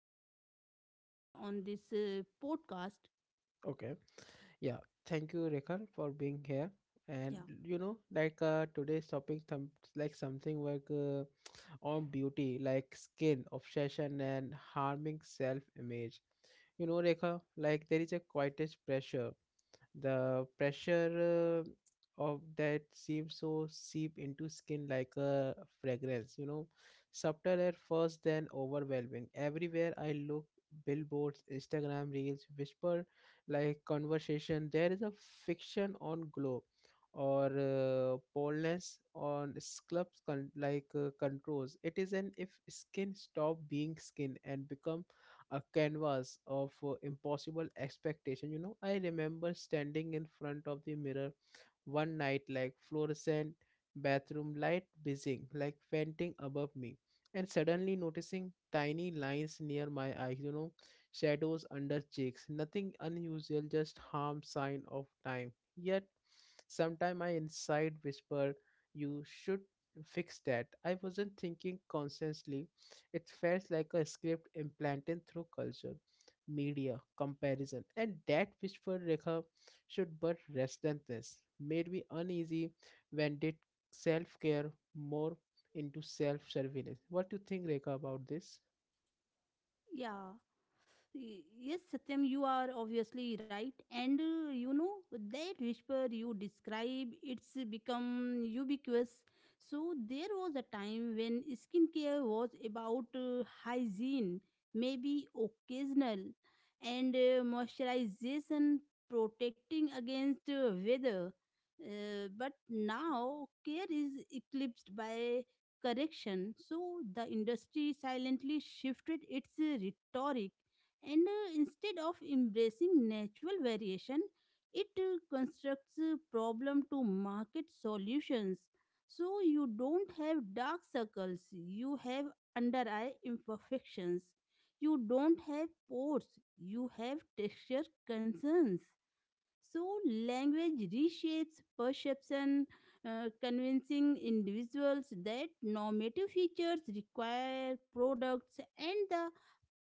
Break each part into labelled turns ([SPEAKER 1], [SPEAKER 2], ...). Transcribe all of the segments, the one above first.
[SPEAKER 1] nice to meet you here on this podcast.
[SPEAKER 2] Okay. Yeah, thank you Rekha for being here. And
[SPEAKER 1] Yeah,
[SPEAKER 2] today's topic, something on beauty, like skin obsession and harming self-image. You know, Rekha, like there is a quietest pressure, the pressure of that seems so seep into skin like a fragrance, you know, subtle at first, then overwhelming. Everywhere I look, billboards, Instagram reels whisper like conversation. There is a fiction on glow or boldness on sclubs controls. It is an if skin stop being skin and become a canvas of impossible expectation. You know, I remember standing in front of the mirror one night, like fluorescent bathroom light buzzing like fainting above me, and suddenly noticing tiny lines near my eyes, you know, shadows under cheeks, nothing unusual, just harm sign of time. Yet sometime my inside whisper, you should fix that. I wasn't thinking consciously. It felt like a script implanted through culture, media, comparison, and that which for Rekha should, but restlessness made me uneasy. When did self care more into self surveillance? What do you think, Rekha, about this?
[SPEAKER 1] yeah. Yes, Satyam, you are obviously right. And you know, that whisper you describe, it's become ubiquitous. So there was a time when skincare was about hygiene, maybe occasional, and moisturization, protecting against weather. But now care is eclipsed by correction. So the industry silently shifted its rhetoric and instead of embracing natural variation it constructs a problem to market solutions. So you don't have dark circles, you have under eye imperfections. You don't have pores, you have texture concerns. So language reshapes perception, convincing individuals that normative features require products, and the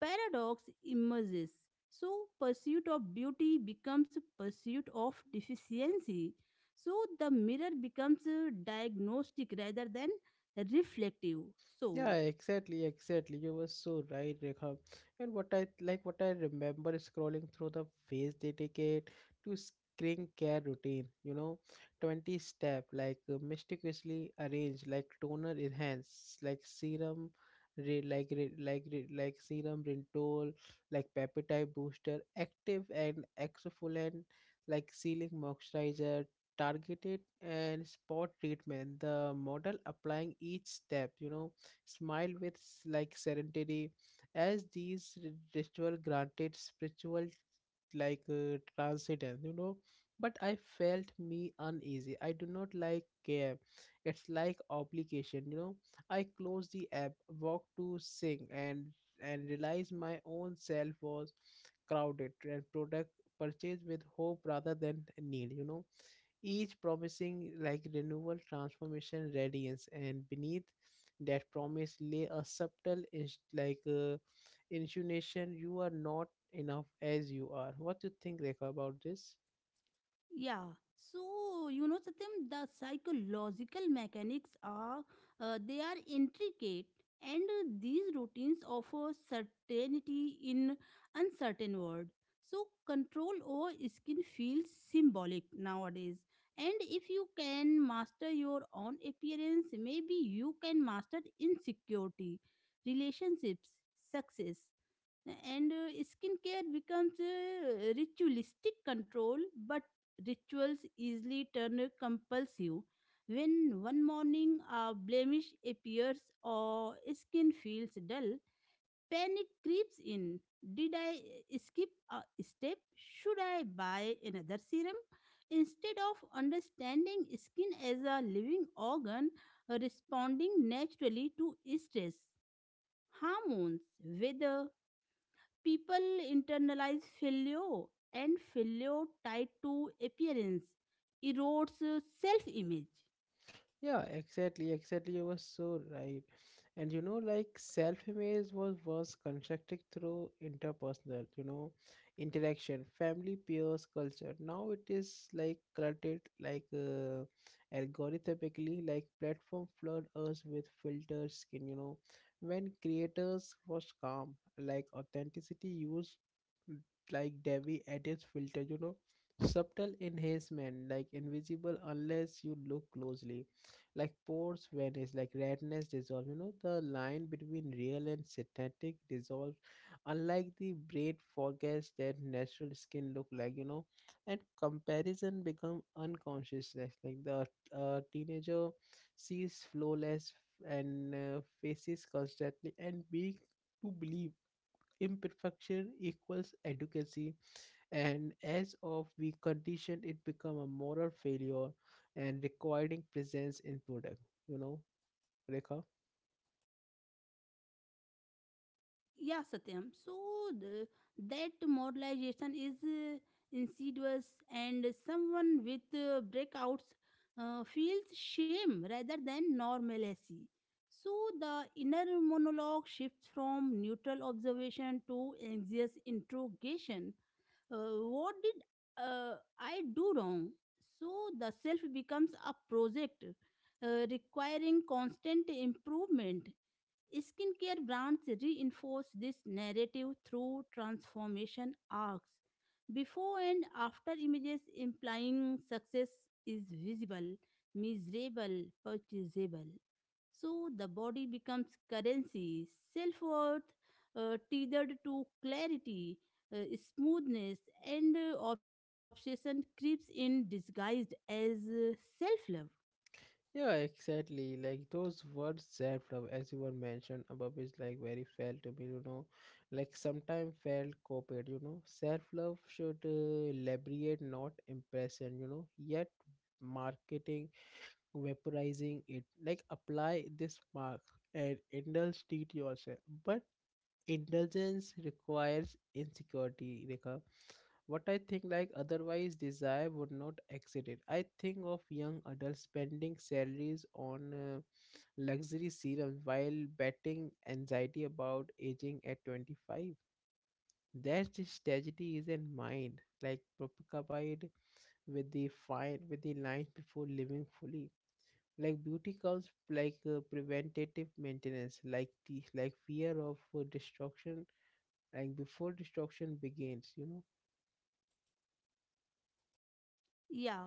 [SPEAKER 1] paradox emerges. So pursuit of beauty becomes pursuit of deficiency. So the mirror becomes diagnostic rather than reflective. So,
[SPEAKER 2] Yeah, exactly, exactly. You were so right, Rekha. And what I like, what I remember is scrolling through the phase they take it to skincare routine. You know, 20 step mysticously arranged, like toner enhance, like serum, re, like re, like re, like serum rintol, like peptide booster, active and exfoliant, like sealing moisturizer, targeted and spot treatment. The model applying each step. You know, smile with serenity as these ritual granted spiritual transcendence, you know. But I felt me uneasy. I do not like care, it's like obligation, you know. I closed the app, walked to sing, and realized my own self was crowded and product purchased with hope rather than need, you know, each promising like renewal, transformation, radiance. And beneath that promise lay a subtle insinuation, you are not enough as you are. What do you think, Rekha, about this?
[SPEAKER 1] yeah. So, you know, Satyam, the psychological mechanics they are intricate, and these routines offer certainty in uncertain world. So control over skin feels symbolic nowadays. And if you can master your own appearance, maybe you can master insecurity, relationships, success, and skincare becomes a ritualistic control. But rituals easily turn compulsive. When one morning a blemish appears or skin feels dull, panic creeps in. Did I skip a step? Should I buy another serum? Instead of understanding skin as a living organ responding naturally to stress, hormones, weather, people internalize failure, and failure tied to appearance erodes self image.
[SPEAKER 2] Yeah, exactly, exactly. You were so right. And you know, like self-image was constructed through interpersonal, you know, interaction, family, peers, culture. Now it is like cluttered algorithmically, like platform flood us with filter skin, you know. When creators was calm like authenticity used like Devi at its filter, you know, subtle enhancement, like invisible unless you look closely, like pores vanish, like redness dissolves. You know, the line between real and synthetic dissolves. Unlike the braid forgets that natural skin look like, you know, and comparison become unconscious. Like the teenager sees flawless and faces constantly and being to believe imperfection equals adequacy, and as of we conditioned it become a moral failure and requiring presence in product, you know, Rekha.
[SPEAKER 1] Yeah, Satyam. So the, that moralization is insidious, and someone with breakouts feels shame rather than normalcy. So the inner monologue shifts from neutral observation to anxious interrogation. What did I do wrong? So the self becomes a project requiring constant improvement. Skincare brands reinforce this narrative through transformation arcs, before and after images implying success is visible, miserable, purchasable. So the body becomes currency, self worth tethered to clarity, smoothness, and obsession creeps in disguised as self love.
[SPEAKER 2] Yeah, exactly. Like those words self love, as you were mentioned above, is like very felt to me, you know. Like sometimes felt copied, you know. Self love should elaborate, not impression, you know. Yet marketing vaporizing it. Like apply this mark and indulge it yourself. But indulgence requires insecurity, Rekha. What I think like otherwise desire would not exit it. I think of young adults spending salaries on luxury serums while betting anxiety about aging at 25. Their strategy is in mind, like preoccupied with the fine with the lines before living fully, like beauty comes preventative maintenance, like fear of destruction like before destruction begins, you know.
[SPEAKER 1] Yeah.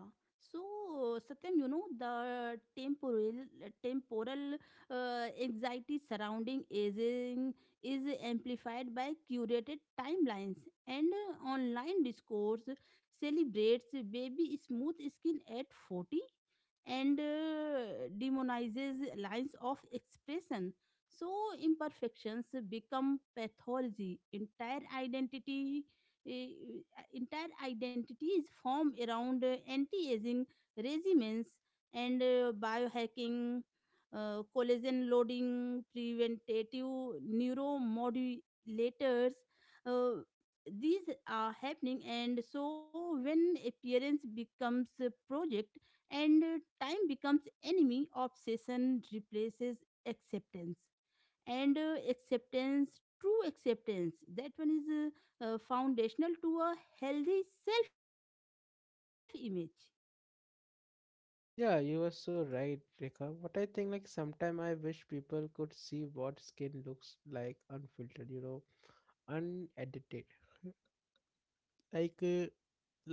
[SPEAKER 1] So, Satyam, you know, the temporal anxiety surrounding aging is amplified by curated timelines, and online discourse celebrates baby smooth skin at 40, and demonizes lines of expression. So imperfections become pathology. Uh, Entire identity is formed around anti-aging regimens, and biohacking, collagen loading, preventative neuromodulators. Uh, these are happening, and so when appearance becomes a project, and time becomes enemy, obsession replaces acceptance, and acceptance true acceptance that one is foundational to a healthy self image.
[SPEAKER 2] Yeah, you are so right Rekha, but I think like sometime I wish people could see what skin looks like unfiltered, you know, unedited, like uh,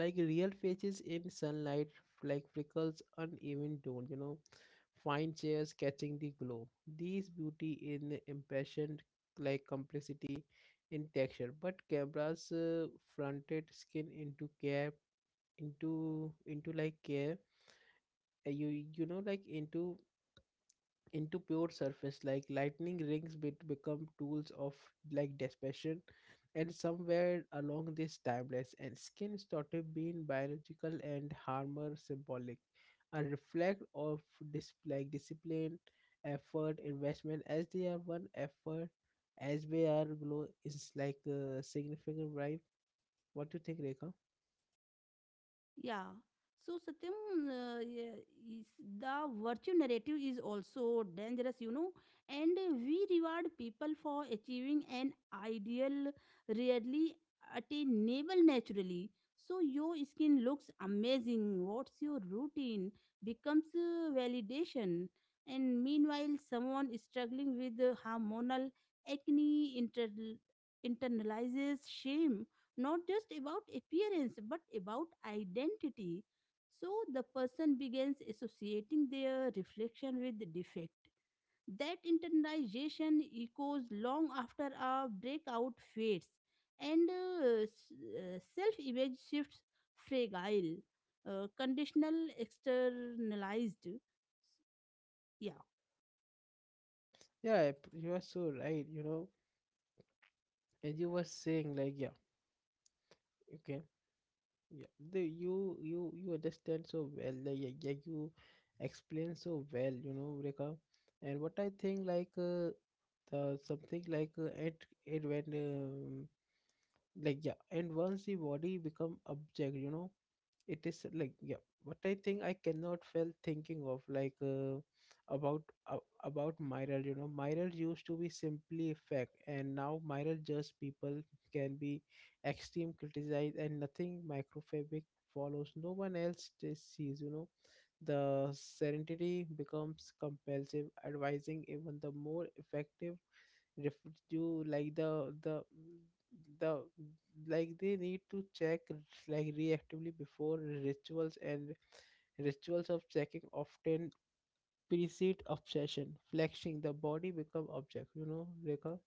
[SPEAKER 2] like real faces in sunlight, like freckles, uneven tone, you know, fine chairs catching the glow. These beauty in impression, like complexity in texture. But cameras fronted skin into care into care, you you know like into pure surface, like lightning rings bit become tools of like dispersion. And somewhere along this timeless and skin started being biological and armor symbolic, a reflect of discipline, effort, investment, as they are one effort, as they are glow is like a significant right. What do you think Rekha?
[SPEAKER 1] Yeah. So, Satyam, uh, yeah, is the virtue narrative is also dangerous, you know, and we reward people for achieving an ideal rarely attainable naturally. So, your skin looks amazing. What's your routine becomes validation, and meanwhile, someone struggling with hormonal acne inter- internalizes shame, not just about appearance but about identity. So the person begins associating their reflection with the defect. That internalization echoes long after a breakout fades, and self image shifts fragile, conditional, externalized. Yeah.
[SPEAKER 2] Yeah, you are so right, you know, as you were saying, like yeah, okay. Yeah, the you understand so well. Like, yeah, yeah, you explain so well. You know, Rekha. And what I think, the something it it when like yeah, and once the body become object, you know, it is like yeah, what I think I cannot felt thinking of about about myral, you know. Myral used to be simply fact, and now myral judge people, can be extreme criticized and nothing microphobic follows no one else sees, you know. The serenity becomes compulsive advising even the more effective ref, do like the like they need to check like reactively before rituals, and rituals of checking often precede obsession flexing the body become object, you know Rekha.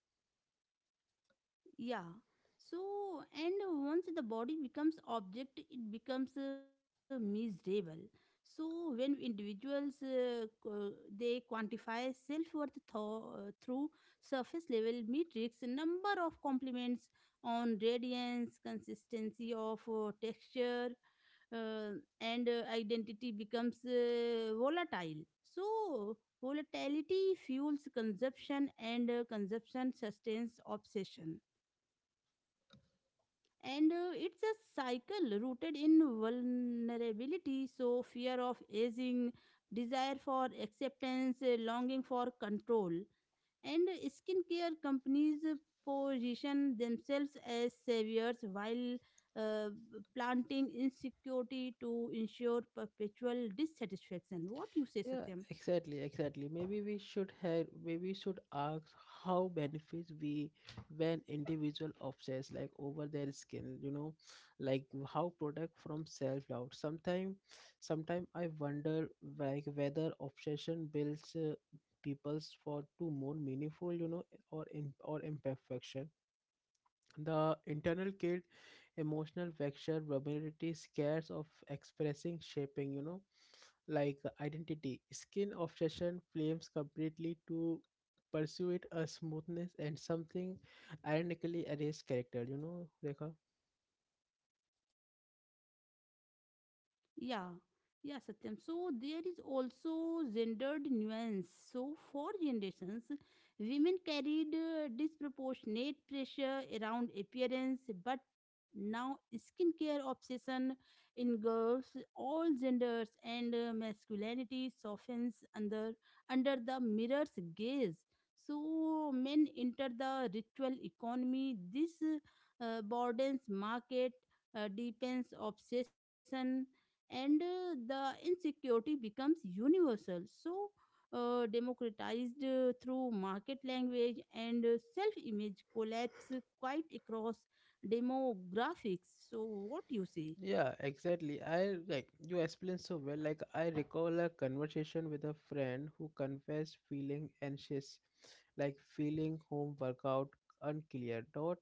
[SPEAKER 1] Yeah. So, and once the body becomes object, it becomes miserable. So when individuals they quantify self-worth through surface level metrics, number of compliments on radiance, consistency of texture, uh, and identity becomes volatile. So volatility fuels consumption, and consumption sustains obsession, and it's a cycle rooted in vulnerability. So fear of aging, desire for acceptance, longing for control, and skincare companies position themselves as saviors while uh, planting insecurity to ensure perpetual dissatisfaction. What you say,
[SPEAKER 2] Yeah,
[SPEAKER 1] Satyam?
[SPEAKER 2] exactly, exactly. Maybe we should ask how benefits we when individual obsess like over their skin, you know, like how product from self doubt. Sometime I wonder like whether obsession builds people's for to more meaningful, you know, or in or imperfection. The internal kid, emotional vexure, vulnerability, scares of expressing, shaping, you know, like identity. Skin obsession flames completely to pursue it a smoothness and something ironically erased character, you know, Rekha?
[SPEAKER 1] Yeah, yeah, Satyam. So there is also gendered nuance. So for generations, women carried disproportionate pressure around appearance, but now skincare obsession engulfs all genders, and masculinity softens under the mirror's gaze. So men enter the ritual economy. This broadens market, deepens obsession, and the insecurity becomes universal. So democratized through market language, and self image collapse quite across demographics. So, what you say?
[SPEAKER 2] Yeah, exactly. I like you explained so well. Like I recall a conversation with a friend who confessed feeling anxious, like feeling home workout unclear. Not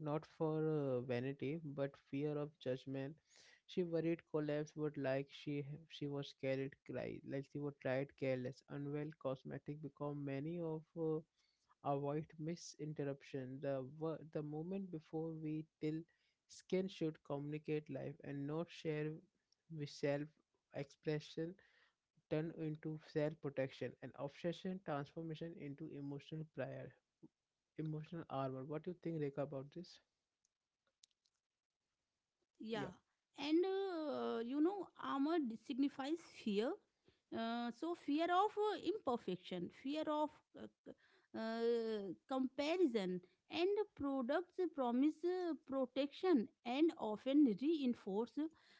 [SPEAKER 2] not for vanity but fear of judgment. She worried collapse would like she was carried cry like she would tried careless unwell cosmetic because many of avoid misinterruption the the moment before we till skin should communicate life and not share with self expression turn into self protection and obsession transformation into emotional prior emotional armor. What do you think Rekha about this? Yeah.
[SPEAKER 1] Yeah, and you know, armor signifies fear. So, fear of imperfection, fear of uh, c- comparison, and products promise protection and often reinforce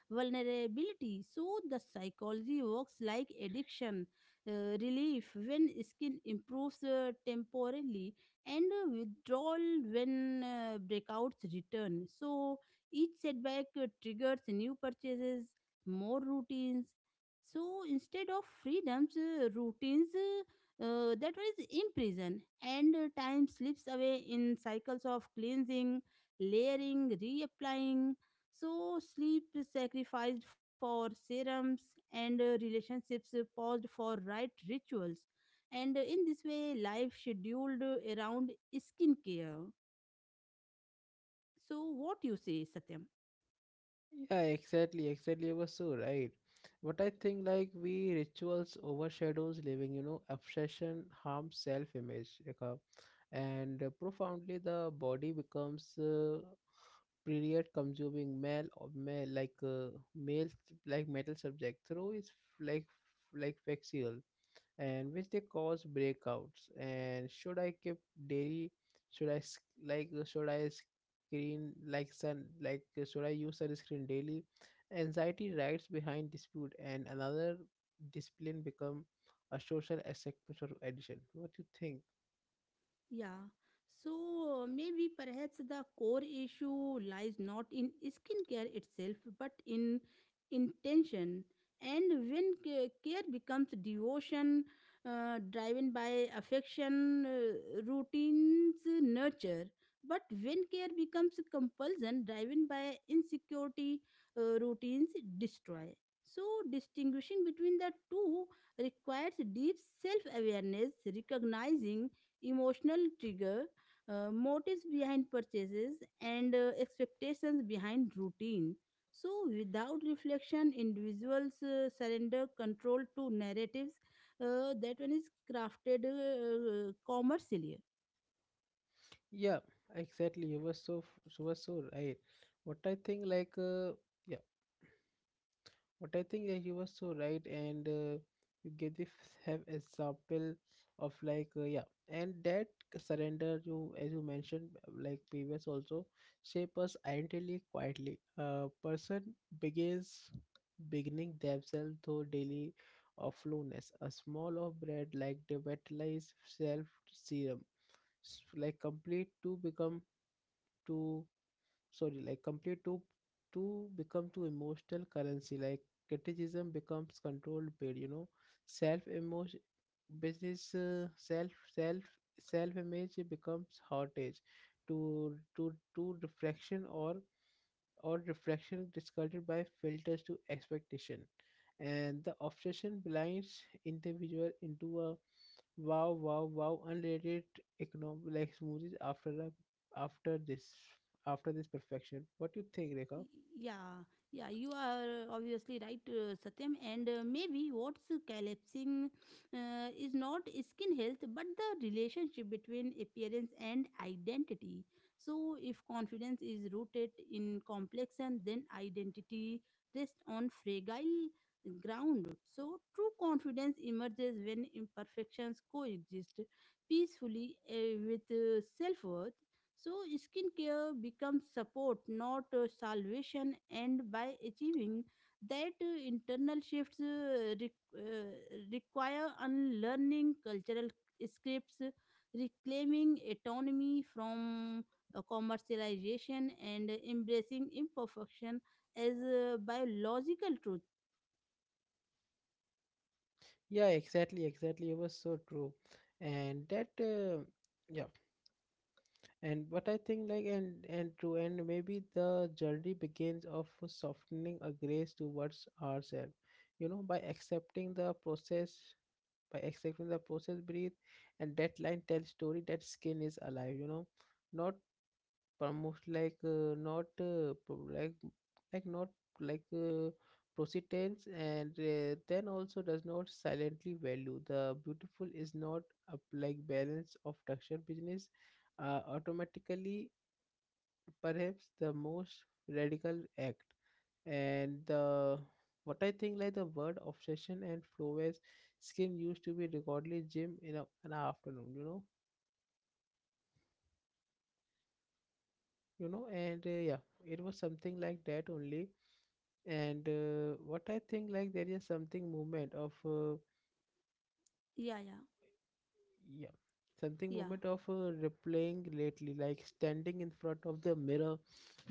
[SPEAKER 1] vulnerability. So the psychology works like addiction, relief when skin improves temporarily, and withdrawal when breakouts return. So each setback triggers new purchases, more routines. So instead of freedoms, routines that was imprisoned, and time slips away in cycles of cleansing, layering, reapplying. So sleep is sacrificed for serums, and relationships paused for right rituals, and in this way life scheduled around skincare. So what you say, Satyam?
[SPEAKER 2] Yeah, exactly, exactly. You were so right. But I think like we rituals overshadows living, you know, obsession harms self-image, like, and profoundly the body becomes period consuming male or male male like metal subject through is like like facial and which they cause breakouts. And should I keep dairy? Should I should I screen like sun should I use sunscreen daily? Anxiety rides behind dispute, and another discipline become a social acceptance of addition. What do you think?
[SPEAKER 1] Yeah, so maybe perhaps the core issue lies not in skincare itself but in intention. And when care becomes devotion, driven by affection, routines nurture. But when care becomes compulsion, driven by insecurity, routines destroy. So distinguishing between the two requires deep self awareness, recognizing emotional trigger, motives behind purchases, and expectations behind routine. So without reflection, individuals surrender control to narratives that one is crafted commercially.
[SPEAKER 2] Yeah, exactly. You were you were so right. What I think like yeah. But I think that you were so right, and you gave this have example of yeah, and that surrender you as you mentioned like previous also shape us identity quietly. A person begins Beginning themselves through daily of lowness, a small of bread like the vitalized self serum, complete to become to, sorry, like complete to become to emotional currency, like criticism becomes controlled bid, you know, self emotion business self image becomes heritage to reflection or reflection discarded by filters to expectation, and the obsession blinds individual into a wow, wow, wow, unrated economic like smoothies after the after this after this perfection. What do you think, Rekha?
[SPEAKER 1] Yeah, yeah, you are obviously right, Satyam. And maybe what's collapsing is not skin health but the relationship between appearance and identity. So if confidence is rooted in complexion, then identity rests on fragile ground. So true confidence emerges when imperfections coexist peacefully with self worth. So skincare becomes support, not salvation, and by achieving that, internal shifts require unlearning cultural scripts, reclaiming autonomy from commercialization, and embracing imperfection as biological truth.
[SPEAKER 2] Yeah, exactly, exactly. It was so true, and that yeah, and what I think like and true, and maybe the journey begins of softening a grace towards ourselves. You know, by accepting the process, by accepting the process, breathe, and that line tells story that skin is alive. You know, not promote like not not like uh, proceeds and then also does not silently value the beautiful is not a like balance of texture business, automatically perhaps the most radical act, and the what I think like the word obsession and flow as skin used to be regularly gym in an afternoon, you know and Yeah, it was something like that only. And what I think like there is something movement of.
[SPEAKER 1] Yeah, yeah,
[SPEAKER 2] Yeah, something
[SPEAKER 1] yeah.
[SPEAKER 2] moment of replaying lately, like standing in front of the mirror,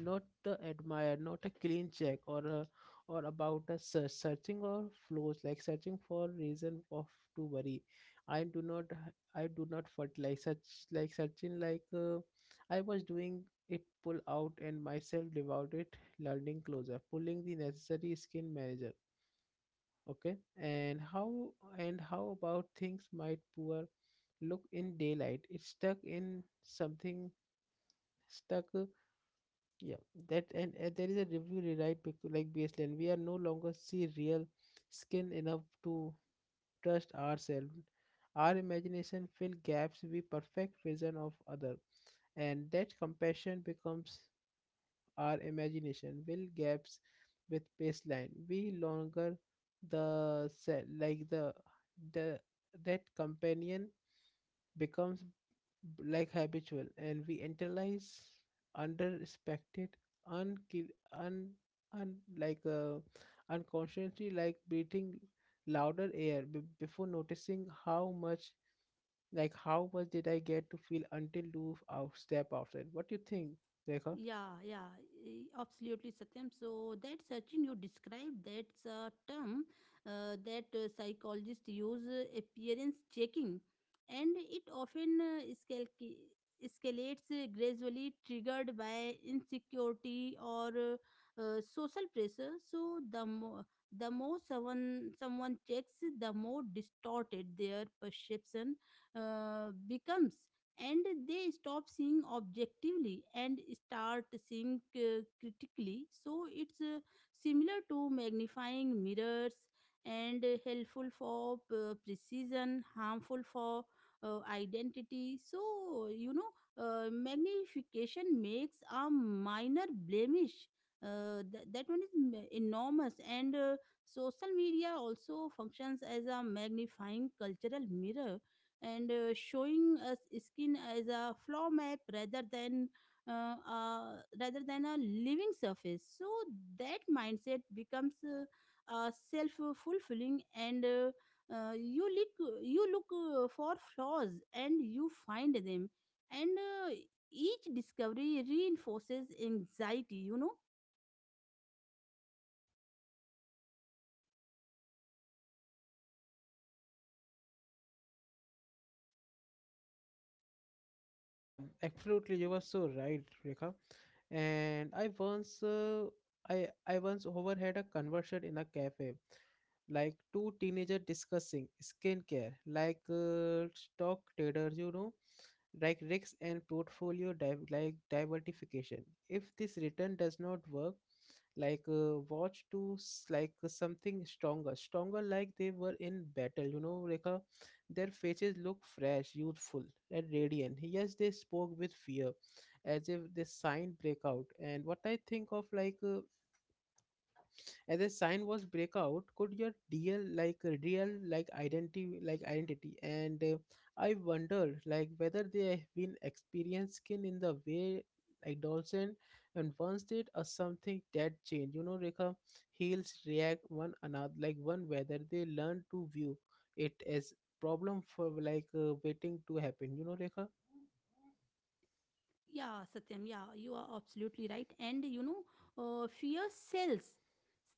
[SPEAKER 2] not the admire, not a clean check, or about a searching or flows like searching for reason of to worry. I do not felt like such, like searching like. I was doing it, pull out and myself devout it learning closer pulling the necessary skin manager. Okay, and how, and how about things might poor, look in daylight it's stuck in something, stuck yeah. That, and there is a review rewrite baseline, we are no longer see real skin enough to trust ourselves, our imagination fill gaps we perfect vision of other, and that compassion becomes our imagination fill gaps with baseline. We longer, the se- like the that companion becomes habitual, and we internalize underrespected, un un un like unconsciously like breathing louder air before noticing how much, like how much did I get to feel until you out step outside. What do you think, Rekha?
[SPEAKER 1] Yeah, absolutely, Satyam. So that searching you described, that's a term that psychologists use, appearance checking, and it often escalates gradually, triggered by insecurity or social pressure. So the more someone checks, the more distorted their perception becomes, and they stop seeing objectively and start seeing critically. So it's similar to magnifying mirrors, and helpful for precision, harmful for identity. So you know, magnification makes a minor blemish that one is enormous, and social media also functions as a magnifying cultural mirror, and showing us skin as a floor map rather than rather than a living surface. So that mindset becomes self fulfilling, and you look for flaws and you find them, and each discovery reinforces anxiety. You know.
[SPEAKER 2] Yeah, absolutely. You were so right, Rekha. And I once, I once overheard a conversation in a cafe, like two teenagers discussing skincare, like stock traders, you know, like risks and portfolio diversification. If this return does not work, like watch to something stronger like they were in battle, you know, Rekha, their faces looked fresh, youthful and radiant, yes they spoke with fear as if they signed breakout. And what I think of like as a sign was breakout could your deal like real like identity and I wondered like whether they have been experienced skin in the way like Dawson and once did or something that changed, you know, Rekha, heels react one another like one, whether they learn to view it as problem for like waiting to happen, you know, Rekha.
[SPEAKER 1] Yeah, Satyam, yeah, you are absolutely right. And you know, fear sells.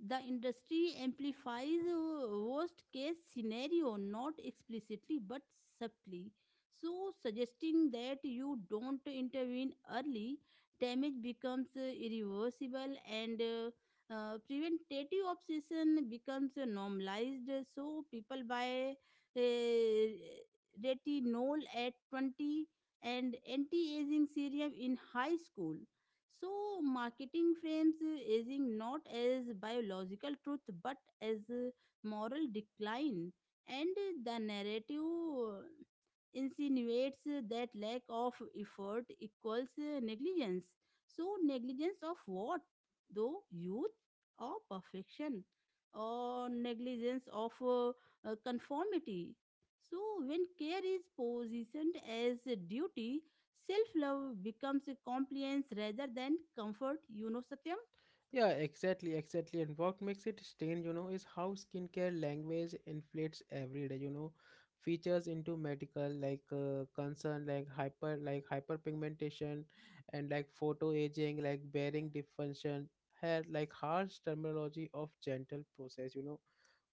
[SPEAKER 1] The industry amplifies worst case scenario, not explicitly but subtly. So suggesting that you don't intervene early, damage becomes irreversible, and preventative obsession becomes normalized. So people buy uh, retinol at 20 and anti-aging serum in high school. So marketing frames aging not as biological truth but as moral decline, and the narrative insinuates that lack of effort equals negligence. So negligence of what, though? Youth or perfection or negligence of conformity? So when care is positioned as a duty, self love becomes a compliance rather than comfort, you know, Satyam.
[SPEAKER 2] Yeah, exactly, exactly. And what makes it strange, you know, is how skincare language inflates every day, you know, features into medical like concern, like hyperpigmentation, and like photo aging, like bearing dysfunction, hair, like harsh terminology of gentle process. You know,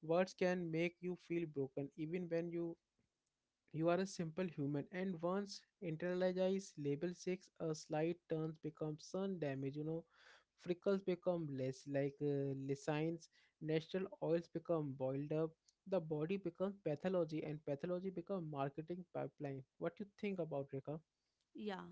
[SPEAKER 2] words can make you feel broken even when you are a simple human, and once internalized label six, a slight turns become sun damage. You know, freckles become less like lessines, natural oils become boiled up, the body becomes pathology, and pathology become marketing pipeline. What you think about, Rekha?
[SPEAKER 1] Yeah.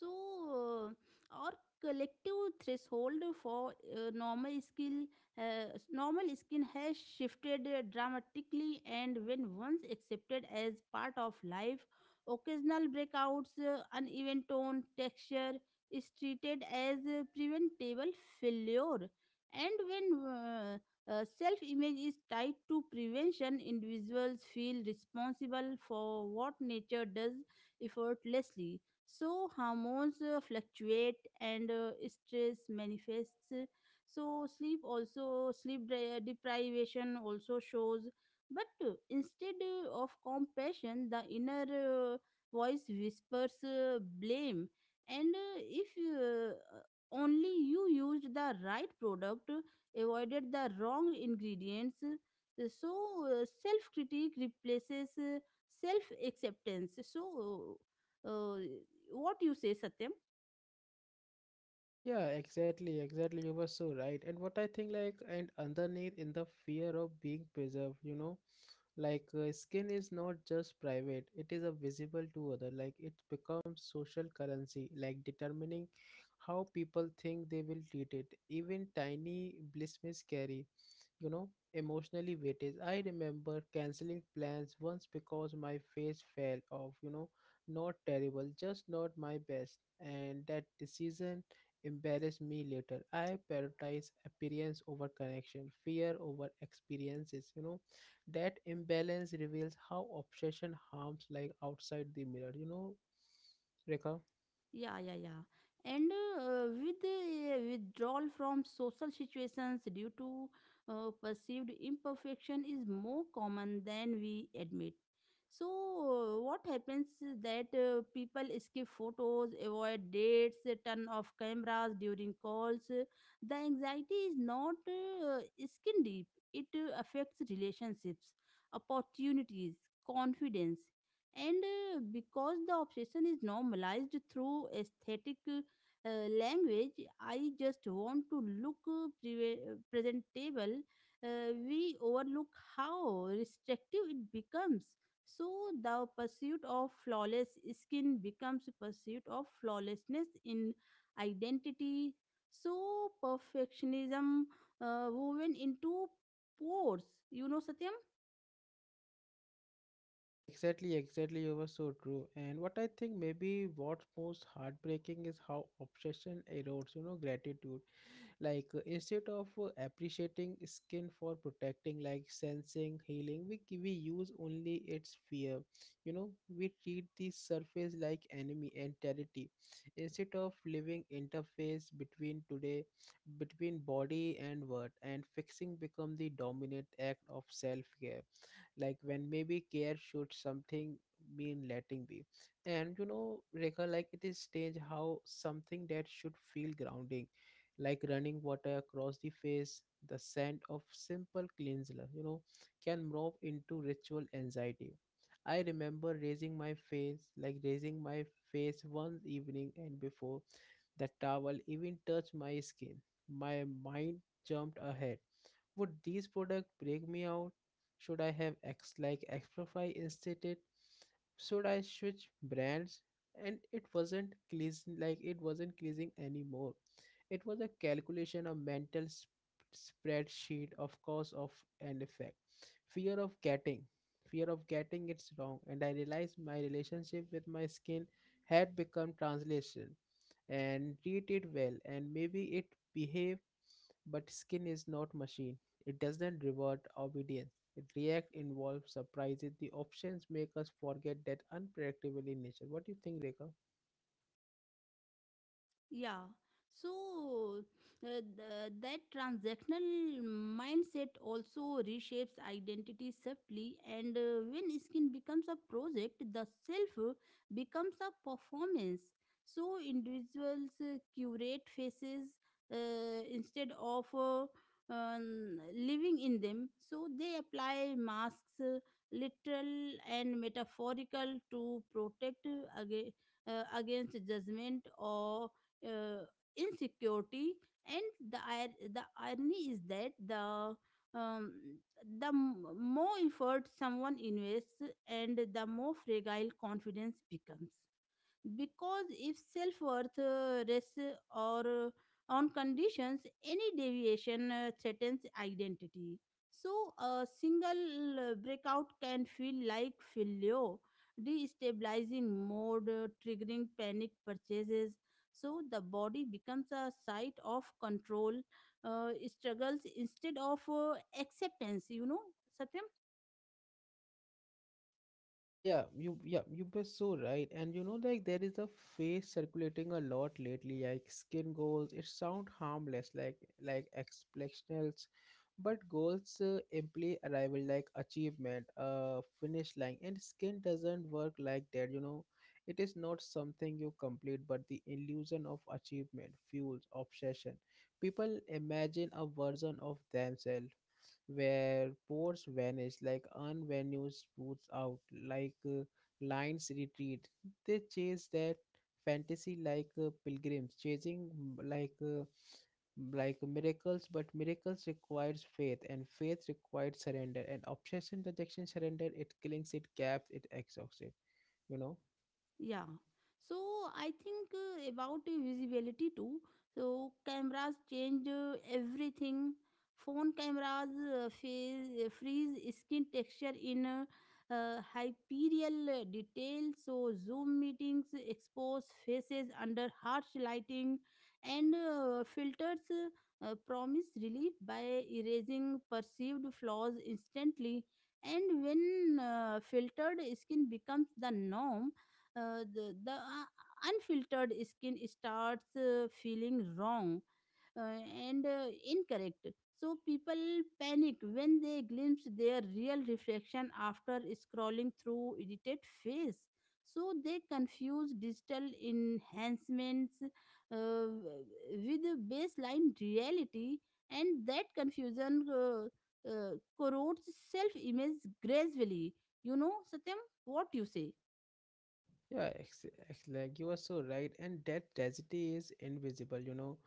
[SPEAKER 1] So, our collective threshold for normal skin has shifted dramatically, and when once accepted as part of life, occasional breakouts, uneven tone, texture is treated as a preventable failure. And when self image is tied to prevention, individuals feel responsible for what nature does effortlessly. So hormones fluctuate, and stress manifests. So sleep deprivation also shows. But instead of compassion, the inner voice whispers blame. And if uh, uh, only you used the right product, avoided the wrong ingredients. So self critique replaces self acceptance. So uh, what you say, Satyam?
[SPEAKER 2] Yeah, exactly, exactly. You were so right. And what I think, like, and underneath in the fear of being preserved, you know, like skin is not just private, it is a visible to other, like it becomes social currency like determining how people think they will treat it, even tiny blisters carry, you know, emotionally weightage. I remember canceling plans once because my face fell off, you know, not terrible, just not my best, and that decision embarrassed me later. I prioritize appearance over connection, fear over experiences, you know, that imbalance reveals how obsession harms like outside the mirror, you know, Rekha.
[SPEAKER 1] Yeah, and withdrawal from social situations due to perceived imperfection is more common than we admit. So what happens is that people skip photos, avoid dates, turn off cameras during calls. The anxiety is not skin deep. It affects relationships, opportunities, confidence. And because the obsession is normalized through aesthetic language, I just want to look presentable, we overlook how restrictive it becomes. So the pursuit of flawless skin becomes pursuit of flawlessness in identity. So perfectionism woven into pores, you know, Satyam.
[SPEAKER 2] Yeah, exactly, exactly. You were so true. And what I think maybe what's most heartbreaking is how obsession erodes, you know, gratitude. Like instead of appreciating skin for protecting, like sensing healing, we use only its fear. You know, we treat the surface like enemy and territory, instead of living interface between today, between body and word, and fixing become the dominant act of self care, like when maybe care should something mean letting be. And you know, Rekha, like it is strange how something that should feel grounding, like running water across the face, the scent of simple cleanser, you know, can morph into ritual anxiety. I remember raising my face, one evening, and before the towel even touched my skin, my mind jumped ahead. Would these products break me out? Should I have X like Explorify instead? Should I switch brands? And it wasn't pleasing, anymore. It was a calculation, a mental spreadsheet of cause of and effect. Fear of getting, Fear of getting it wrong, and I realized my relationship with my skin had become translation and treat it well and maybe it behave, but skin is not machine, it doesn't reward obedience. It reacts, involves surprises. The options make us forget that unpredictable in nature. What do you think, Rekha?
[SPEAKER 1] Yeah. So that transactional mindset also reshapes identity swiftly, and when skin becomes a project, the self becomes a performance. So individuals curate faces instead of living in them. So they apply masks, literal and metaphorical, to protect against judgment or uh, insecurity. And the irony is that um, the more effort someone invests, and the more fragile confidence becomes. Because if self worth rests or on conditions, any deviation threatens identity. So a single breakout can feel like failure, destabilizing mode, triggering panic purchases. So the body becomes a site of control struggles instead of acceptance. Satyam?
[SPEAKER 2] Yeah, you were so right. And you know, like there is a phrase circulating a lot lately, like skin goals. It sound harmless, like explanations, but goals imply arrival, like achievement, finish line. And skin doesn't work like that. You know, it is not something you complete, but the illusion of achievement fuels obsession. People imagine a version of themselves where pores vanish like unvenue spoots out like lions retreat, they chase that fantasy like pilgrims chasing miracles, but miracles requires faith and faith requires surrender, and obsession rejection surrender, it kills it, gaps it, exhausts it, you know.
[SPEAKER 1] Yeah. So I think about the visibility too. So cameras change everything. Phone cameras phase, freeze skin texture in hyperial detail. So Zoom meetings expose faces under harsh lighting, and filters promise relief by erasing perceived flaws instantly. And when filtered skin becomes the norm, the unfiltered skin starts feeling wrong, uh, and incorrect. So people panic when they glimpse their real reflection after scrolling through edited face. So they confuse digital enhancements with baseline reality, and that confusion corrodes self-image gracefully. You know, Satyam, what you say?
[SPEAKER 2] You are so right, and that tragedy is invisible, you know,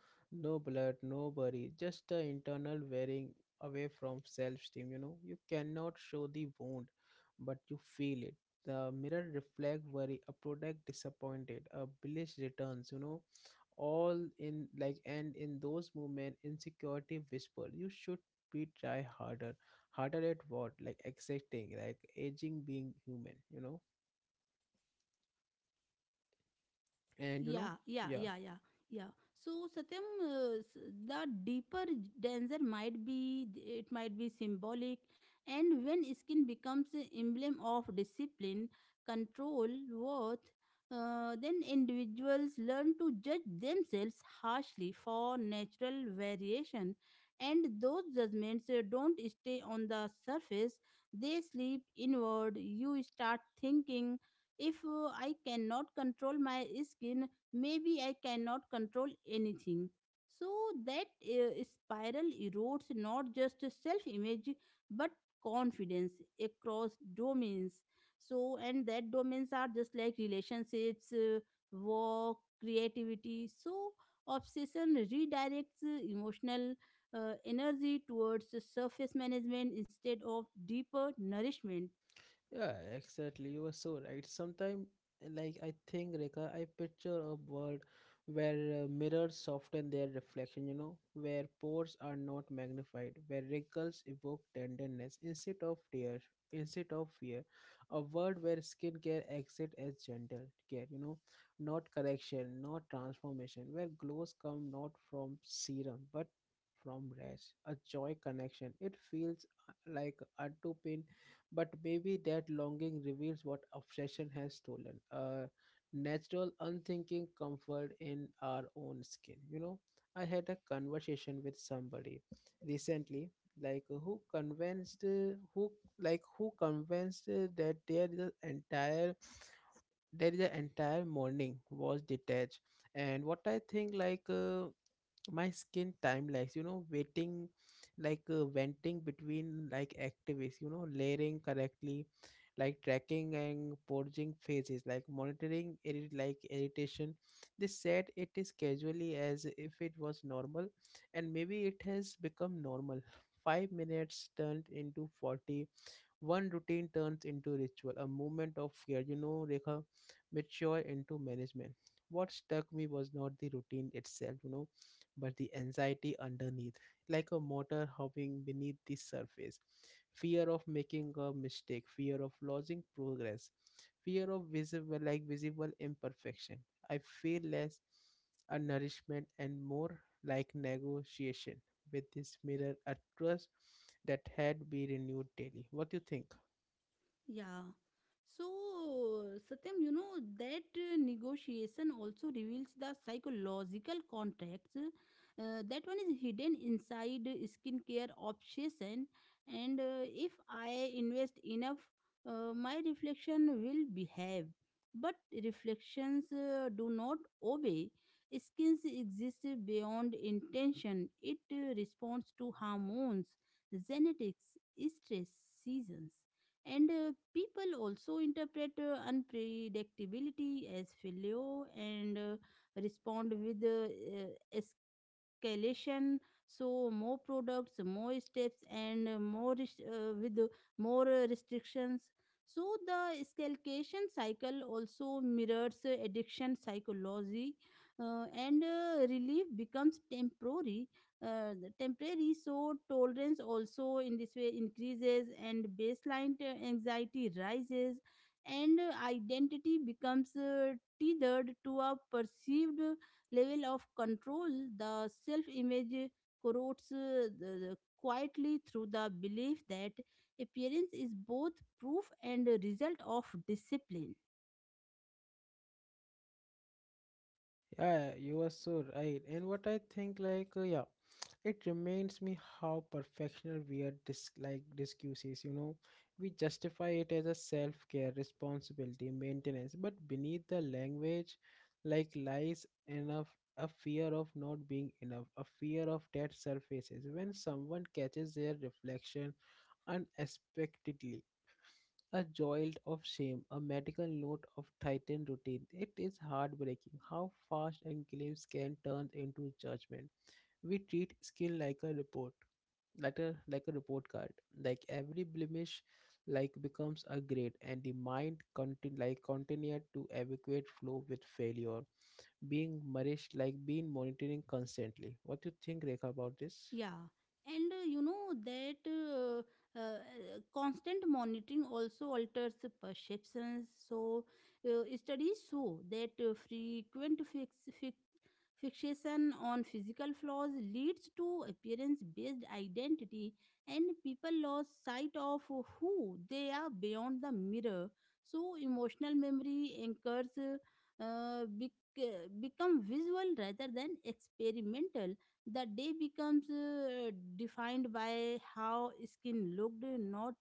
[SPEAKER 2] no blood, no body, just the internal wearing away from self-esteem, you know. You cannot show the wound, but you feel it. The mirror reflect worry, a product disappointed, a bilish returns, you know, all in like and in those movement, insecurity whisper, you should be try harder. Harder at what? Like accepting, like aging being human, you know. And you know,
[SPEAKER 1] Yeah, yeah,
[SPEAKER 2] yeah.
[SPEAKER 1] yeah, yeah, yeah. So Satyam, the deeper danger might be, it might be symbolic. And when skin becomes an emblem of discipline, control, worth, then individuals learn to judge themselves harshly for natural variation, and those judgments don't stay on the surface; they slip inward. You start thinking, if I cannot control my skin, maybe I cannot control anything. So that spiral erodes not just self image but confidence across domains. So, and that domains are just like relationships, work, creativity. So, obsession redirects emotional energy towards the surface management instead of deeper nourishment.
[SPEAKER 2] Yeah, exactly. You were so right. Sometimes, like I think, Rekha, I picture a world where mirrors soften their reflection, you know, where pores are not magnified, where wrinkles evoke tenderness instead of tears, instead of fear. A world where skincare exists as gentle care, you know, not correction, not transformation, where glows come not from serum, but from rest, a joy connection. It feels like a 2, but maybe that longing reveals what obsession has stolen, a natural, unthinking comfort in our own skin. You know, I had a conversation with somebody recently, like who convinced, who convinced that there is an entire, there is an entire morning was detached, and what I think like my skin time lags, you know, waiting, like venting between like activists, you know, layering correctly, like tracking and purging phases, like monitoring it like irritation. They said it is casually as if it was normal, and maybe it has become normal. 5 minutes turned into 40, one routine turns into ritual, a movement of fear, you know, Rekha, mature into management. What struck me was not the routine itself, you know, but the anxiety underneath, like a motor hovering beneath the surface. Fear of making a mistake, fear of losing progress, fear of visible, like visible imperfection. I feel less a nourishment and more like negotiation with this mirror, a trust that had to be renewed daily. What do you think?
[SPEAKER 1] Yeah. So, Satyam, you know that negotiation also reveals the psychological contracts, that one is hidden inside skincare obsession. And if I invest enough, my reflection will behave. But reflections do not obey. Skins exist beyond intention. It responds to hormones, genetics, stress, seasons. And people also interpret unpredictability as failure and respond with escalation. So more products, more steps, and more res- with more restrictions. So the escalation cycle also mirrors addiction psychology, and relief becomes temporary, the temporary so tolerance also in this way increases and baseline anxiety rises, and identity becomes tethered to a perceived level of control. The self image corrodes quietly through the belief that appearance is both proof and a result of discipline.
[SPEAKER 2] Yeah, you are so right. And what I think, like, yeah, it reminds me how perfectional we are discuss. You know, we justify it as a self-care, responsibility, maintenance, but beneath the language, like, lies enough a fear of not being enough, a fear of that surfaces when someone catches their reflection unexpectedly, a jolt of shame, a medical note of tightened routine. It is heartbreaking how fast and claims can turn into judgment. We treat skin like a report, like a report card. Like every blemish, like becomes a grade, and the mind continue continue to evacuate flow with failure, being nourished like being monitoring constantly. What do you think, Rekha, about this?
[SPEAKER 1] Yeah, and you know that constant monitoring also alters the perceptions. So, studies show that fix, fixation on physical flaws leads to appearance based identity, and people lose sight of who they are beyond the mirror. So, emotional memory anchors become visual rather than experimental. The day becomes defined by how skin looked, not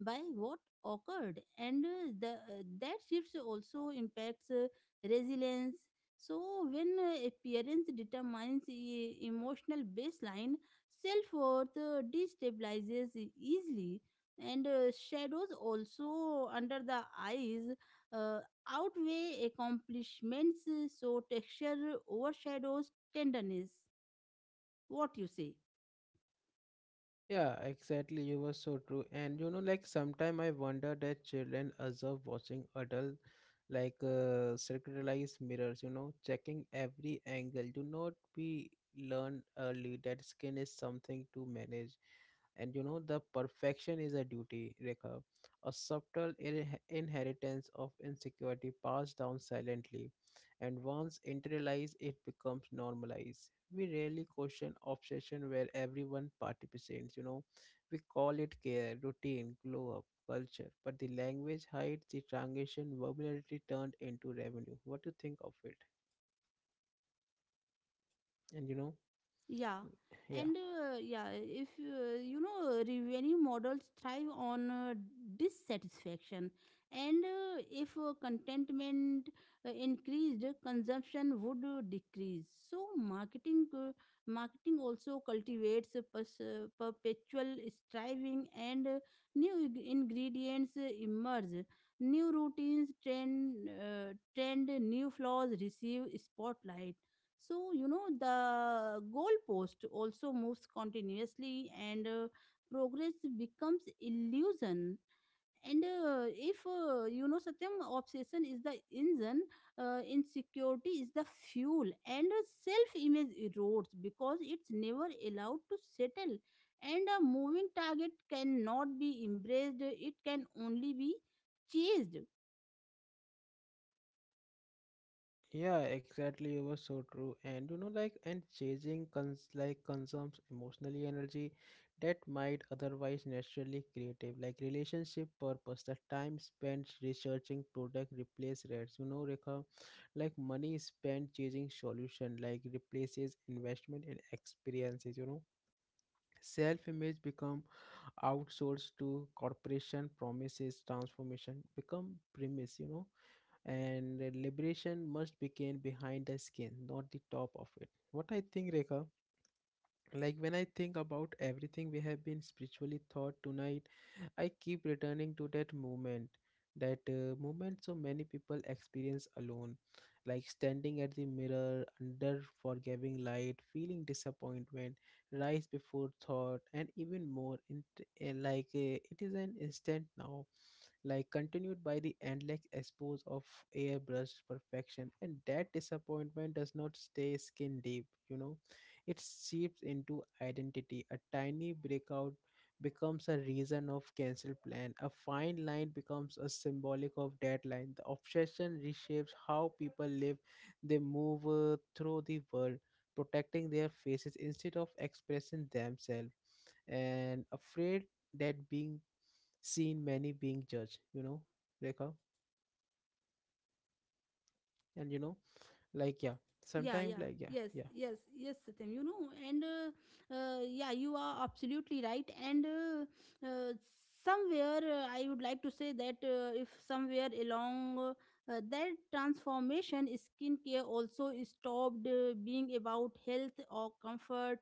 [SPEAKER 1] by what occurred, and that shifts also impacts resilience. So, when appearance determines emotional baseline, self worth destabilizes easily, and shadows also under the eyes uh, outweigh accomplishments, so texture overshadows tenderness. What you say?
[SPEAKER 2] Yeah, exactly. You were so true. And you know, like sometime I wonder that children observe watching adult, like circularized mirrors, you know, checking every angle. Do not we learn early that skin is something to manage, and you know, the perfection is a duty, Rekha, a subtle inheritance of insecurity passed down silently, and once internalized, it becomes normalized. We rarely question obsession where everyone participates, you know, we call it care routine glow up culture, but the language hides the transition vulnerability turned into revenue. What do you think of it? And you know,
[SPEAKER 1] Yeah,
[SPEAKER 2] yeah.
[SPEAKER 1] and yeah, if you know, revenue models thrive on dissatisfaction, and if contentment increased, consumption would decrease. So marketing also cultivates a perpetual striving, and ingredients emerge, new routines trend, new flaws receive spotlight. So you know the goalpost also moves continuously, and progress becomes illusion. And if you know Satyam, obsession is the engine, insecurity is the fuel, and self image erodes because it's never allowed to settle, and a moving target cannot be embraced, it can only be chased.
[SPEAKER 2] Yeah, exactly. It was so true. And you know, like, and chasing consumes emotionally energy that might otherwise naturally creative, like relationship purpose. The time spent researching product replace rates. You know, Rekha, like money spent chasing solution like replaces investment and experiences. You know, self-image become outsourced to corporation promises transformation become premise. You know, and liberation must begin behind the skin, not the top of it. What I think, Rekha, like when I think about everything we have been spiritually taught tonight, I keep returning to that moment, that moment so many people experience alone, like standing at the mirror under forgiving light, feeling disappointment rise before thought, and even more in it is an instant now, like continued by the endless expose of airbrushed perfection, and that disappointment does not stay skin deep, you know, it seeps into identity. A tiny breakout becomes a reason of cancel plan. A fine line becomes a symbolic of deadline. The obsession reshapes how people live. They move through the world, protecting their faces instead of expressing themselves, and afraid that being seen, many being judged. You know, Rekha, and you know, like yeah,
[SPEAKER 1] Yeah,
[SPEAKER 2] sometimes
[SPEAKER 1] yeah.
[SPEAKER 2] like yeah,
[SPEAKER 1] Yes,
[SPEAKER 2] yeah.
[SPEAKER 1] yes, yes, Satyam. You know, and yeah, you are absolutely right. And somewhere, I would like to say that if somewhere along that transformation, skincare also stopped being about health or comfort.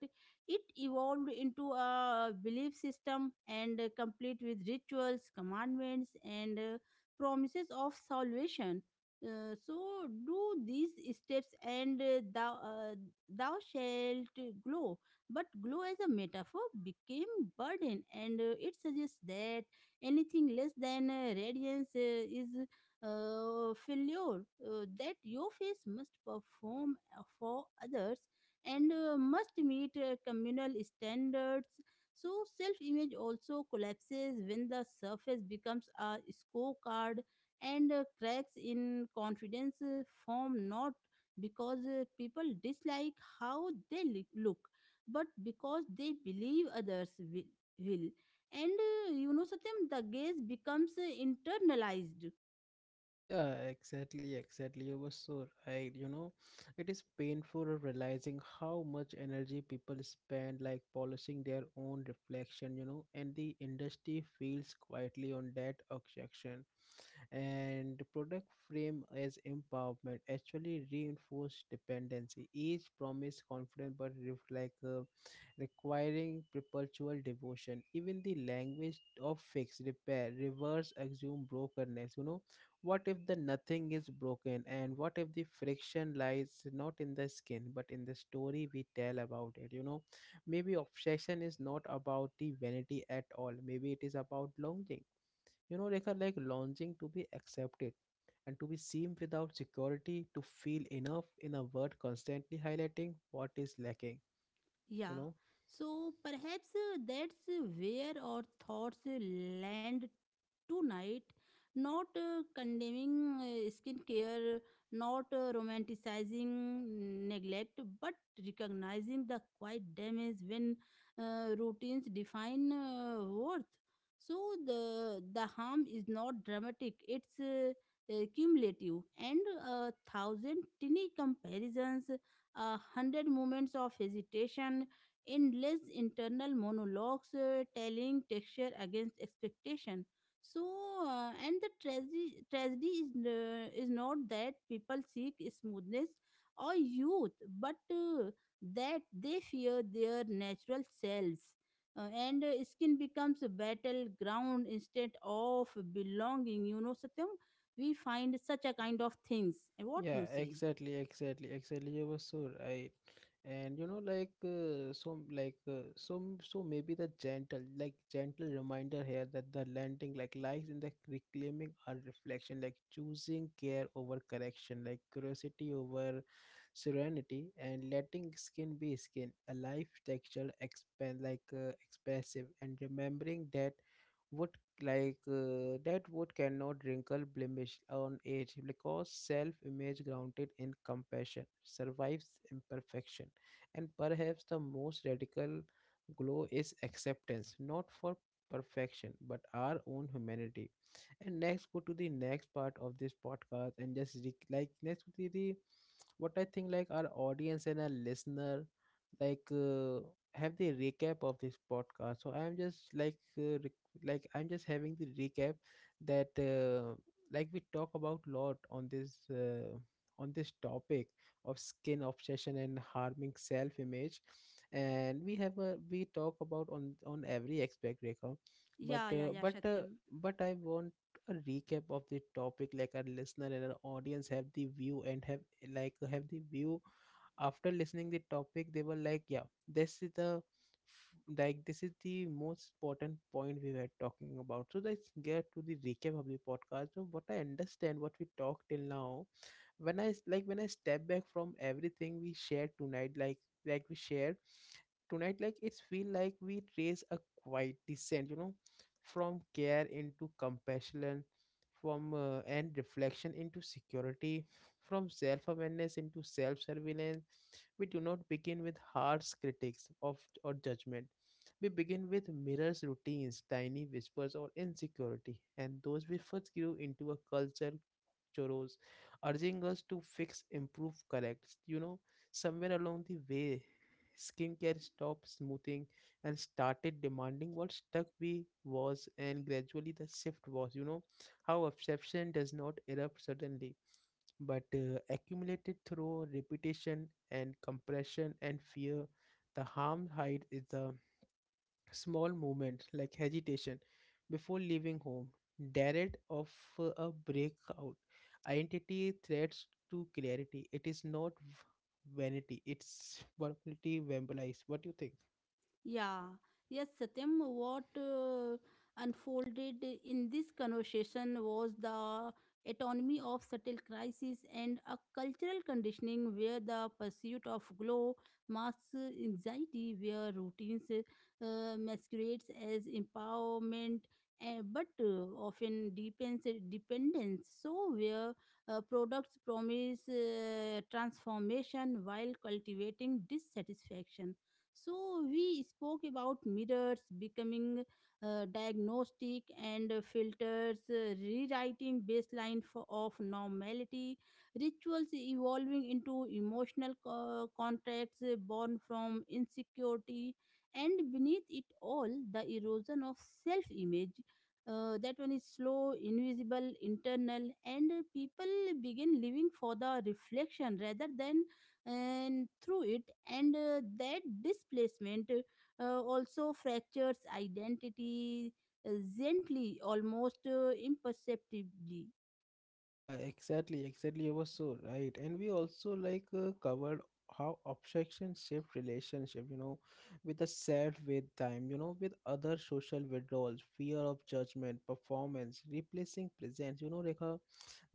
[SPEAKER 1] It evolved into a belief system, and complete with rituals, commandments, and promises of salvation. So do these steps, and thou shalt glow. But glow as a metaphor became burden, and it suggests that anything less than radiance is failure, that your face must perform for others and must meet communal standards. So self image also collapses when the surface becomes a scorecard, and cracks in confidence form not because people dislike how they look, but because they believe others will. And you know Satyam, the gaze becomes internalized.
[SPEAKER 2] Yeah, exactly, exactly. You were so right. You know, it is painful realizing how much energy people spend like polishing their own reflection, you know, and the industry feels quietly on that objection and product frame as empowerment actually reinforce dependency each promise confident but reflect requiring perpetual devotion even the language of fix repair reverse assume brokenness you know what if the nothing is broken and what if the friction lies not in the skin but in the story we tell about it you know maybe obsession is not about the vanity at all maybe it is about longing you know Rekha, like longing to be accepted and to be seen without security to feel enough in a world constantly highlighting what is lacking you
[SPEAKER 1] Yeah.
[SPEAKER 2] know.
[SPEAKER 1] So perhaps that's where our thoughts land tonight. Not condemning skincare, not romanticizing neglect, but recognizing the quiet damage when routines define worth. So the harm is not dramatic; it's cumulative, and a thousand tiny comparisons, a hundred moments of hesitation, endless internal monologues, telling texture against expectation. So, and the tragedy is not that people seek smoothness or youth, but that they fear their natural selves. And Skin becomes a battleground instead of belonging, you know, Satyam. We find such a kind of things. And what
[SPEAKER 2] Yeah,
[SPEAKER 1] you say?
[SPEAKER 2] exactly, exactly, exactly. You were so right, and you know, so maybe the gentle, like gentle reminder here that the landing, like lies in the reclaiming our reflection, like choosing care over correction, like curiosity over serenity, and letting skin be skin, a life texture expand, expressive, and remembering that. What that wood cannot wrinkle blemish on age because self-image grounded in compassion survives imperfection, and perhaps the most radical glow is acceptance not for perfection but our own humanity. And next go to the next part of this podcast and just like next to the. What I think like our audience and our listener like uh, have the recap of this podcast, so I am just like I'm just having the recap that like we talk about lot on this topic of skin obsession and harming self image, and we have a we talk about on every aspect, Rekha. but
[SPEAKER 1] Yeah, yeah,
[SPEAKER 2] uh,
[SPEAKER 1] yeah,
[SPEAKER 2] but uh,
[SPEAKER 1] Shatyam.
[SPEAKER 2] but I want a recap of the topic like our listener and our audience have the view and have like have the view. After listening the topic they were like yeah this is the like this is the most important point we were talking about, so let's get to the recap of the podcast. So what I understand what we talked till now. When I like when I step back from everything we shared tonight like we shared tonight like it's feel like we trace a quite descent, you know, from care into compassion, from and reflection into security, from self-awareness into self-surveillance. We do not begin with harsh critics of or judgment. We begin with mirrors, routines, tiny whispers, or insecurity, and those whispers grew into a culture chorus, urging us to fix, improve, correct. You know, somewhere along the way, skincare stopped smoothing and started demanding what stuck we was, and gradually the shift was. You know, how obsession does not erupt suddenly but accumulated through repetition and compression and fear. The harm hide is a small movement like agitation before leaving home, dread of a breakout, identity threats to clarity. It is not vanity; it's vulnerability, vampirize. What do you think?
[SPEAKER 1] Yeah, yes, Satyam, what unfolded in this conversation was the autonomy of subtle crisis and a cultural conditioning where the pursuit of glow masks anxiety, where routines masquerades as empowerment. But often depends dependence, so where products promise transformation while cultivating dissatisfaction. So, we spoke about mirrors becoming diagnostic, and filters rewriting baseline for, of normality, rituals evolving into emotional contracts born from insecurity, and beneath it all, the erosion of self image. That one is slow, invisible, internal, and people begin living for the reflection rather than and through it. And that displacement also fractures identity uh, gently, almost imperceptibly.
[SPEAKER 2] Yeah, exactly, exactly. You were so right. And we also covered how obsession shape relationship, you know, with the self with time, you know, with other social withdrawals, fear of judgment, performance, replacing presence, you know, Rekha,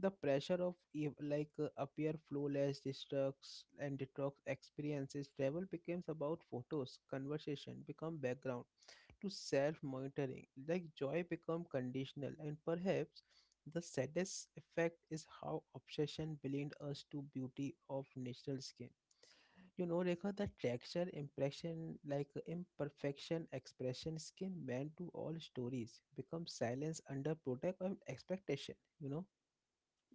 [SPEAKER 2] the pressure of appear flawless, destructs and detox experiences. Travel becomes about photos, conversation become background to self monitoring, like joy become conditional, and perhaps the saddest effect is how obsession blind us to beauty of natural skin. You know, Rekha, the texture, impression, like imperfection, expression, skin meant to all stories become silence under protect of expectation. You know.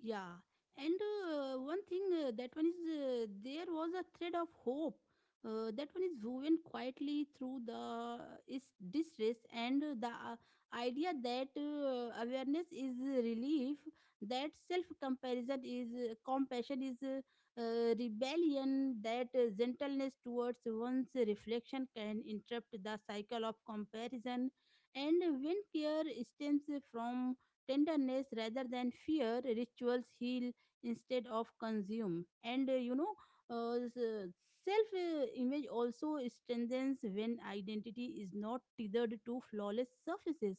[SPEAKER 1] Yeah, and one thing, that one is, there was a thread of hope. That one is woven quietly through the is distress, and the idea that awareness is relief, that self comparison is compassion is rebellion, that gentleness towards one's reflection can interrupt the cycle of comparison, and when care stems from tenderness rather than fear, rituals heal instead of consume. And you know, uh, self image also strengthens when identity is not tethered to flawless surfaces,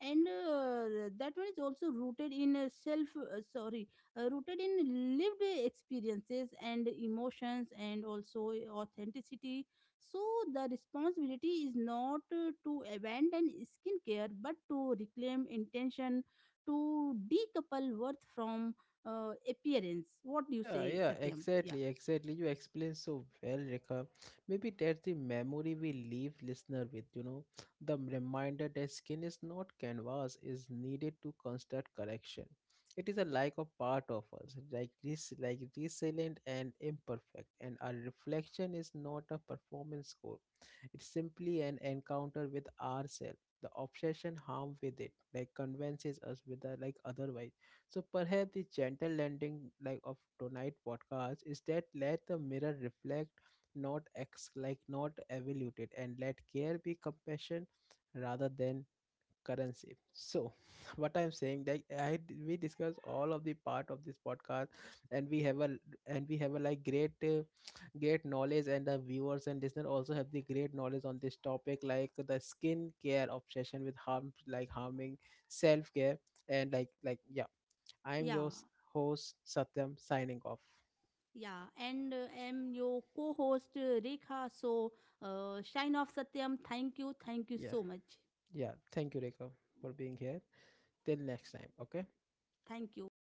[SPEAKER 1] and that one is also rooted in self sorry rooted in lived experiences and emotions and also authenticity. So the responsibility is not to abandon skincare, but to reclaim intention, to decouple worth from appearance. What do you
[SPEAKER 2] Yeah,
[SPEAKER 1] say,
[SPEAKER 2] yeah,
[SPEAKER 1] Satyam? Yeah.
[SPEAKER 2] exactly, exactly. You explain so well, Rekha. Maybe that's the memory we leave listener with, you know. The reminder that skin is not canvas is needed to construct correction. It is a like a part of us, like this like resilient and imperfect, and our reflection is not a performance score. It's simply an encounter with ourselves. The obsession harm with it, like convinces us with the like otherwise. So perhaps the gentle landing like of tonight podcast is that let the mirror reflect, not ex like not evaluate it, and let care be compassion rather than currency. So what I'm saying that we discuss all of the part of this podcast, and we have a like great great knowledge, and the viewers and listener also have the great knowledge on this topic like the skin care obsession with harm like harming self care. And like yeah, I'm your
[SPEAKER 1] Yeah,
[SPEAKER 2] host, Satyam, signing off.
[SPEAKER 1] yeah. And I'm your co host, Rekha. So, shine off, Satyam. Thank you. Thank you
[SPEAKER 2] Yeah,
[SPEAKER 1] so much.
[SPEAKER 2] yeah. Thank you, Rekha, for being here. Till next time, okay?
[SPEAKER 1] Thank you.